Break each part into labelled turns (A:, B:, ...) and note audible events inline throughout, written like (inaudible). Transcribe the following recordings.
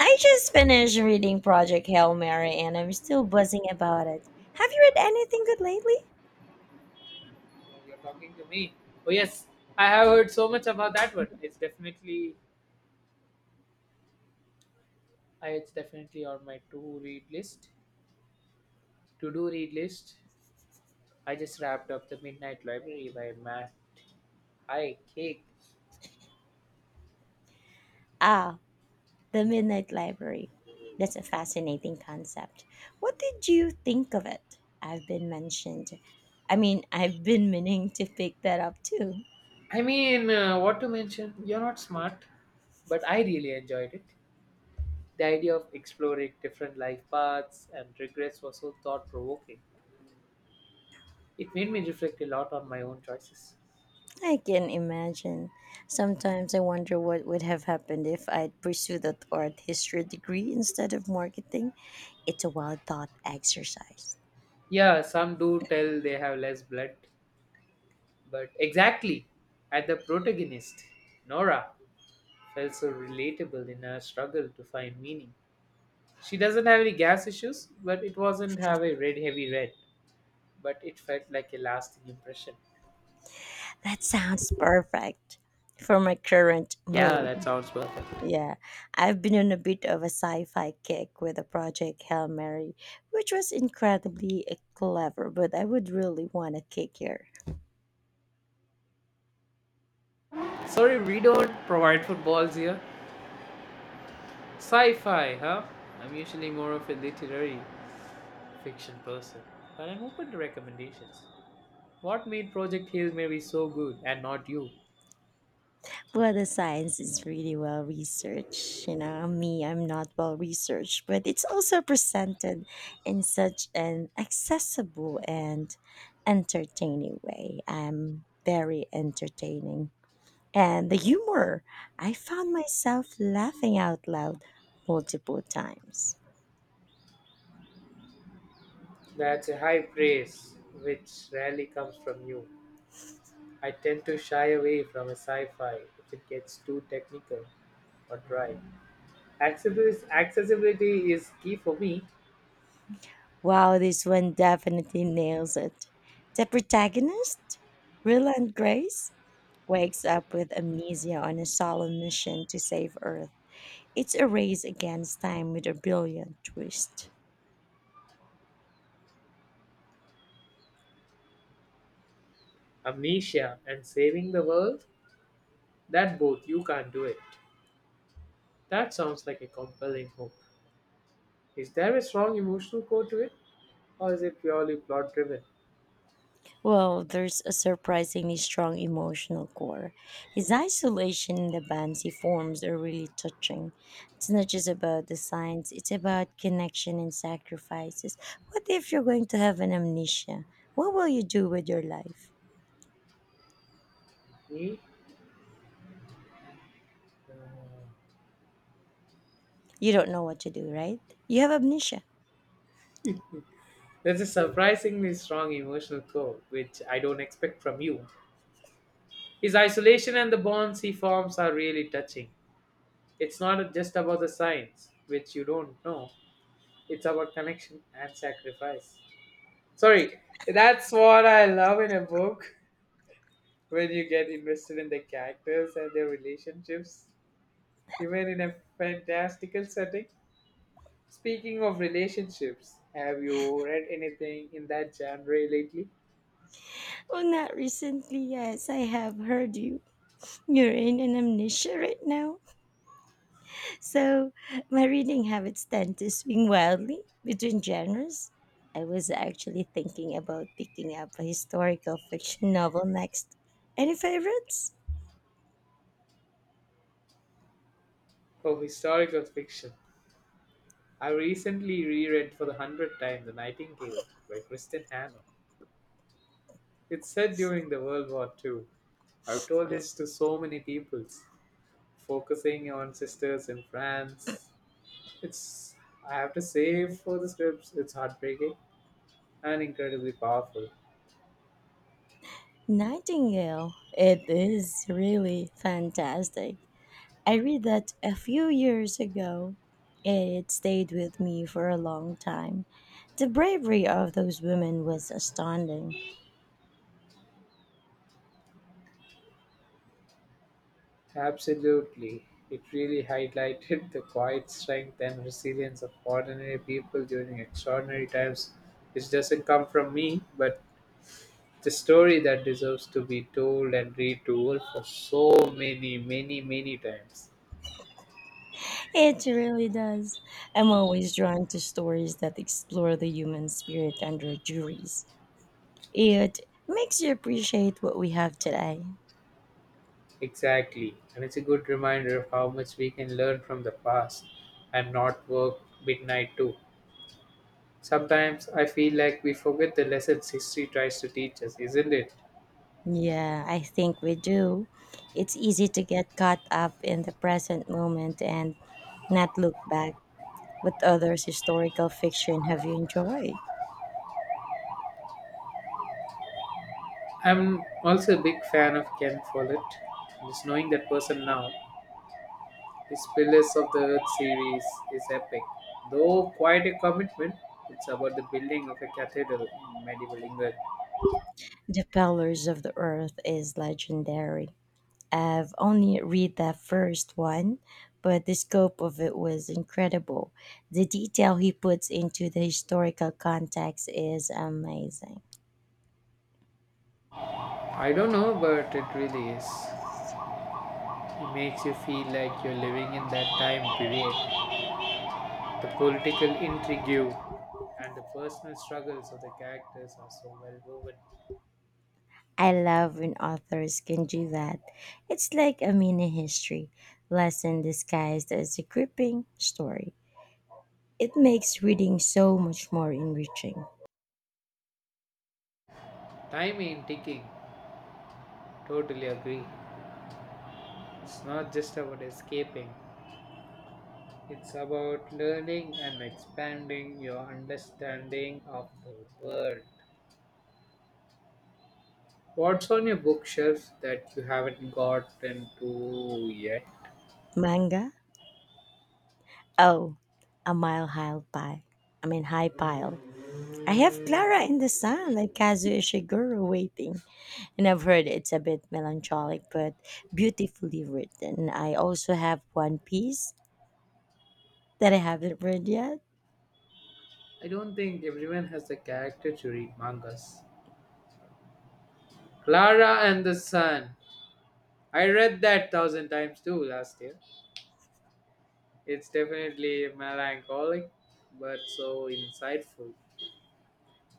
A: I just finished reading Project Hail Mary and I'm still buzzing about it. Have you read anything good lately?
B: You're talking to me. Oh yes, I have heard so much about that one. It's definitely on my to read list. To do read list. I just wrapped up the Midnight Library by Matt. I cake.
A: Ah, The Midnight Library. That's a fascinating concept. What did you think of it? I've been mentioned. I've been meaning to pick that up too.
B: I mean, what to mention? You're not smart, but I really enjoyed it. The idea of exploring different life paths and regrets was so thought provoking. It made me reflect a lot on my own choices.
A: I can imagine. Sometimes I wonder what would have happened if I'd pursued that art history degree instead of marketing. It's a wild thought exercise.
B: Yeah, some do tell they have less blood, but exactly, at the protagonist, Nora felt so relatable in her struggle to find meaning. She doesn't have any gas issues, but it wasn't have a red heavy red, but it felt like a lasting impression.
A: That sounds perfect for my current
B: Yeah, that
A: mood.
B: sounds perfect.
A: Yeah, I've been on a bit of a sci fi kick with a project Hail Mary, which was incredibly clever, but I would really want a kick here.
B: Sorry, we don't provide footballs here. Sci-fi, huh? I'm usually more of a literary fiction person, but I'm open to recommendations. What made Project Hail Mary so good and not you?
A: But the science is really well researched. Me, I'm not well researched, but it's also presented in such an accessible and entertaining way. I'm very entertaining. And the humor. I found myself laughing out loud multiple times.
B: That's a high praise, which rarely comes from you. I tend to shy away from a sci-fi if it gets too technical or dry. Accessibility is key for me.
A: Wow, this one definitely nails it. The protagonist, Ryland Grace, wakes up with amnesia on a solemn mission to save Earth. It's a race against time with a brilliant twist.
B: Amnesia and saving the world? That both, you can't do it. That sounds like a compelling hope. Is there a strong emotional core to it, or is it purely plot-driven?
A: Well, there's a surprisingly strong emotional core. His isolation in the bands he forms are really touching. It's not just about the signs, it's about connection and sacrifices. What if you're going to have an amnesia? What will you do with your life?
B: Hmm?
A: You don't know what to do, right? You have amnesia.
B: There's a surprisingly strong emotional core, which I don't expect from you. His isolation and the bonds he forms are really touching. It's not just about the science, which you don't know. It's about connection and sacrifice. Sorry, that's what I love in a book when you get invested in the characters and their relationships, even in a fantastical setting. Speaking of relationships, have you read anything in that genre lately?
A: Well, not recently, yes, I have heard you. You're in an amnesia right now. So my reading habits tend to swing wildly between genres. I was actually thinking about picking up a historical fiction novel next. Any favorites?
B: Oh, historical fiction. I recently reread for the hundredth time The Nightingale by Kristen Hanna. It's set during the World War II, I've told this to so many people, focusing on sisters in France. It's, I have to say, for the scripts, it's heartbreaking and incredibly powerful.
A: Nightingale. It is really fantastic. I read that a few years ago. It stayed with me for a long time. The bravery of those women was astounding.
B: Absolutely. It really highlighted the quiet strength and resilience of ordinary people during extraordinary times, which doesn't come from me, but the story that deserves to be told and retold for so many, many, many times.
A: It really does. I'm always drawn to stories that explore the human spirit under juries. It makes you appreciate what we have today.
B: Exactly. And it's a good reminder of how much we can learn from the past and not work midnight too. Sometimes I feel like we forget the lessons history tries to teach us, isn't it?
A: Yeah, I think we do. It's easy to get caught up in the present moment and not look back. What other historical fiction have you enjoyed?
B: I'm also a big fan of Ken Follett. Just knowing that person now, his Pillars of the Earth series is epic. Though quite a commitment, it's about the building of a cathedral in medieval England.
A: The Pillars of the Earth is legendary. I've only read the first one, but the scope of it was incredible. The detail he puts into the historical context is amazing.
B: I don't know, but it really is. It makes you feel like you're living in that time period. The political intrigue and the personal struggles of the characters are so well woven.
A: I love when authors can do that. It's like a mini history lesson disguised as a gripping story. It makes reading so much more enriching.
B: Time in ticking, totally agree. It's not just about escaping, it's about learning and expanding your understanding of the world. What's on your bookshelf that you haven't gotten to yet?
A: Manga? Oh, a mile high pile. High pile. I have Clara in the Sun, like Kazuo Ishiguro waiting. And I've heard it's a bit melancholic but beautifully written. I also have One Piece that I haven't read yet,
B: I don't think everyone has the character to read mangas. Clara and the Sun. I read that thousand times too last year. It's definitely melancholic, but so insightful.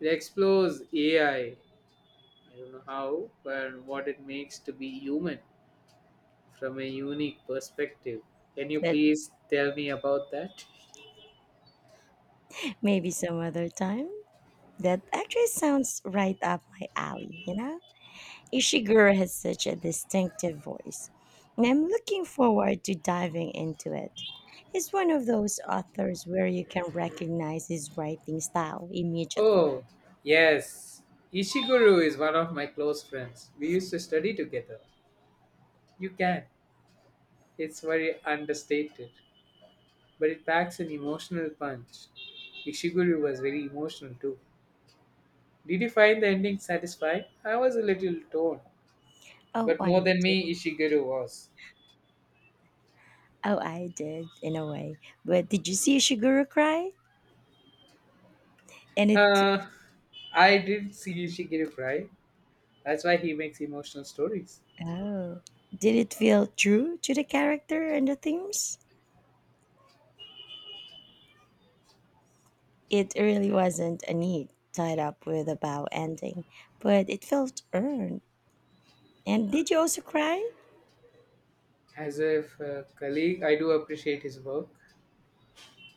B: It explores AI. I don't know how, but what it makes to be human from a unique perspective. Can you
A: that
B: please tell me about that?
A: maybe some other time. That actually sounds right up my alley, you know? Ishiguro has such a distinctive voice, and I'm looking forward to diving into it. He's one of those authors where you can recognize his writing style immediately.
B: Oh, yes. Ishiguro is one of my close friends. We used to study together. You can. It's very understated, but it packs an emotional punch. Ishiguro was very emotional too. Did you find the ending satisfying? I was a little torn,
A: Oh,
B: but more
A: I
B: than me, Ishiguro was.
A: Oh, I did in a way. But did you see Shiguru cry? And it
B: Uh, I did see Ishiguro cry. That's why he makes emotional stories.
A: Oh, did it feel true to the character and the themes? It really wasn't a neat tied up with a bow ending, but it felt earned. And did you also cry?
B: As if a colleague, I do appreciate his work.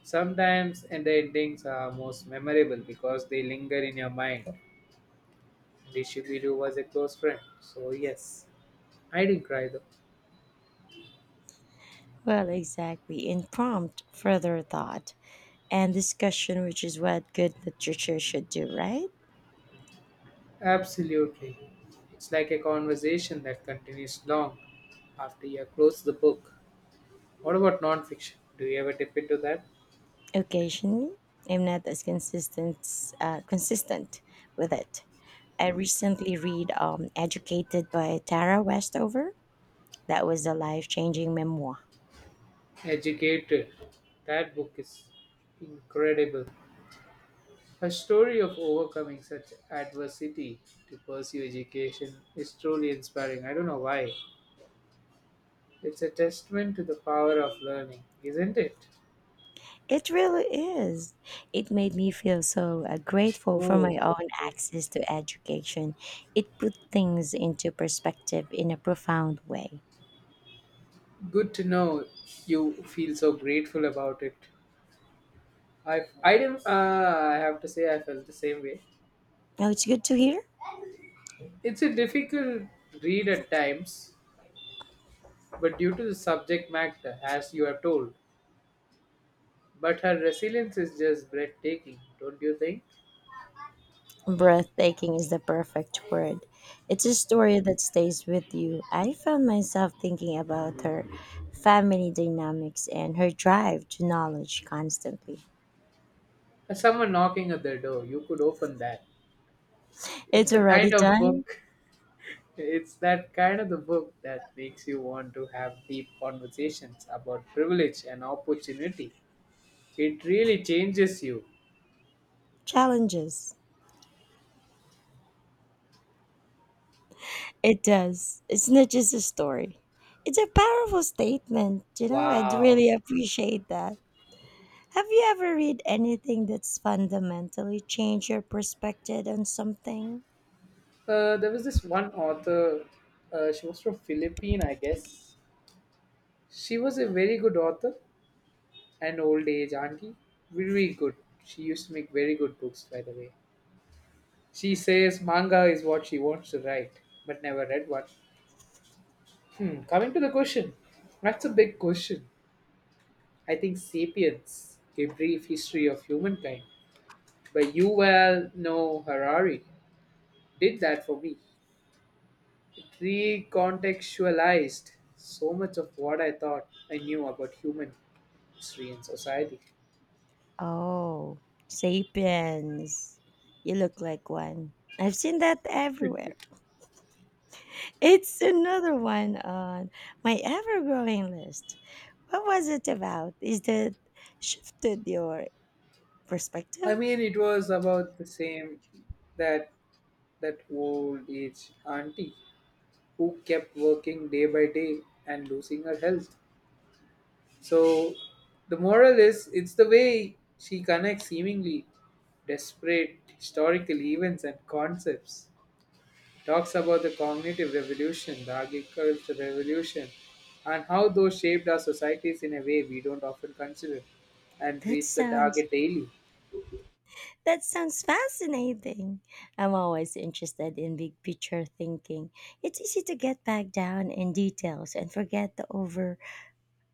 B: Sometimes, and the endings are most memorable because they linger in your mind. And Ishigeru was a close friend, so yes, I didn't cry though.
A: Well, exactly, in prompt further thought and discussion, which is what good literature should do, right?
B: Absolutely, it's like a conversation that continues long after you close the book. What about non-fiction? Do you ever dip into that?
A: Occasionally, I'm not as consistent with it. I recently read Educated by Tara Westover. That was a life changing memoir.
B: Educated. That book is incredible. A story of overcoming such adversity to pursue education is truly inspiring. I don't know why. It's a testament to the power of learning, isn't it?
A: It really is. It made me feel so grateful for my
B: Oh,
A: own
B: okay.
A: access to education. It put things into perspective in a profound way.
B: Good to know you feel so grateful about it. I didn't. I have to say I felt the same way.
A: Oh, it's good to hear.
B: It's a difficult read at times, but due to the subject matter, as you are told. But her resilience is just breathtaking, don't you think?
A: Breathtaking is the perfect word. It's a story that stays with you. I found myself thinking about her family dynamics and her drive to knowledge constantly.
B: As someone knocking at their door, you could open that. It's
A: It's
B: the
A: already
B: kind of
A: done.
B: book, (laughs) it's that kind of the book that makes you want to have deep conversations about privilege and opportunity. It really changes you.
A: Challenges. It does. It's not just a story. It's a powerful statement, you know? I'd
B: Wow.
A: really appreciate that. Have you ever read anything that's fundamentally changed your perspective on something?
B: There was this one author, she was from Philippines, I guess. She was a very good author an old age auntie. Very good. She used to make very good books, by the way. She says manga is what she wants to write, but never read one. Hmm, coming to the question, that's a big question. I think Sapiens, a brief history of humankind, by Yuval Noah Harari, did that for me. It recontextualized so much of what I thought I knew about human history and society.
A: Oh, Sapiens. You look like one. I've seen that everywhere. It's another one on my ever growing list. What was it about? Is that shifted your
B: I
A: perspective?
B: mean, it was about the same that that old age auntie who kept working day by day and losing her health. So the moral is it's the way she connects seemingly desperate historical events and concepts. Talks about the cognitive revolution, the agricultural revolution, and how those shaped our societies in a way we don't often consider and
A: That
B: reach the
A: sounds
B: target daily.
A: That sounds fascinating. I'm always interested in big picture thinking. It's easy to get bogged down in details and forget the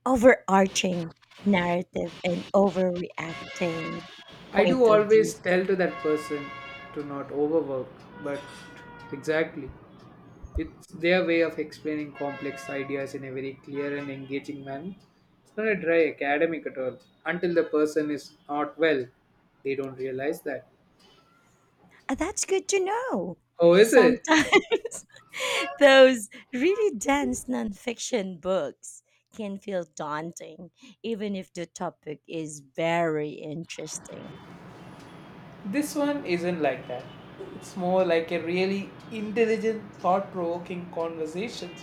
A: overarching narrative and overreacting
B: I do
A: point of view.
B: always tell to that person to not overwork, but exactly. It's their way of explaining complex ideas in a very clear and engaging manner. It's not a dry academic at all. Until the person is not well, they don't realize that.
A: Ah, that's good to know.
B: Oh, is it?
A: Sometimes (laughs) those really dense nonfiction books can feel daunting, even if the topic is very interesting.
B: This one isn't like that. It's more like a really intelligent, thought provoking conversation.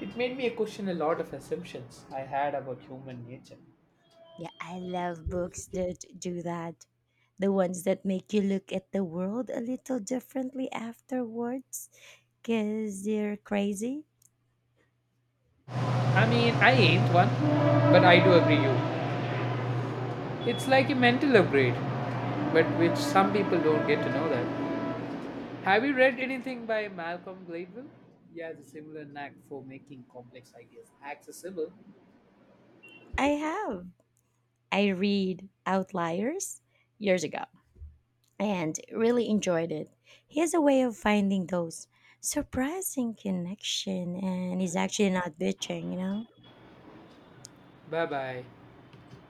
B: It made me question a lot of assumptions I had about human nature.
A: Yeah, I love books that do that. The ones that make you look at the world a little differently afterwards because they're crazy.
B: I mean, I ain't one, but I do agree you. It's like a mental upgrade, but which some people don't get to know that. Have you read anything by Malcolm Gladwell? He has a similar knack for making complex ideas accessible.
A: I have. I read Outliers years ago and really enjoyed it. He has a way of finding those surprising connection and he's actually not bitching, you know?
B: Bye bye.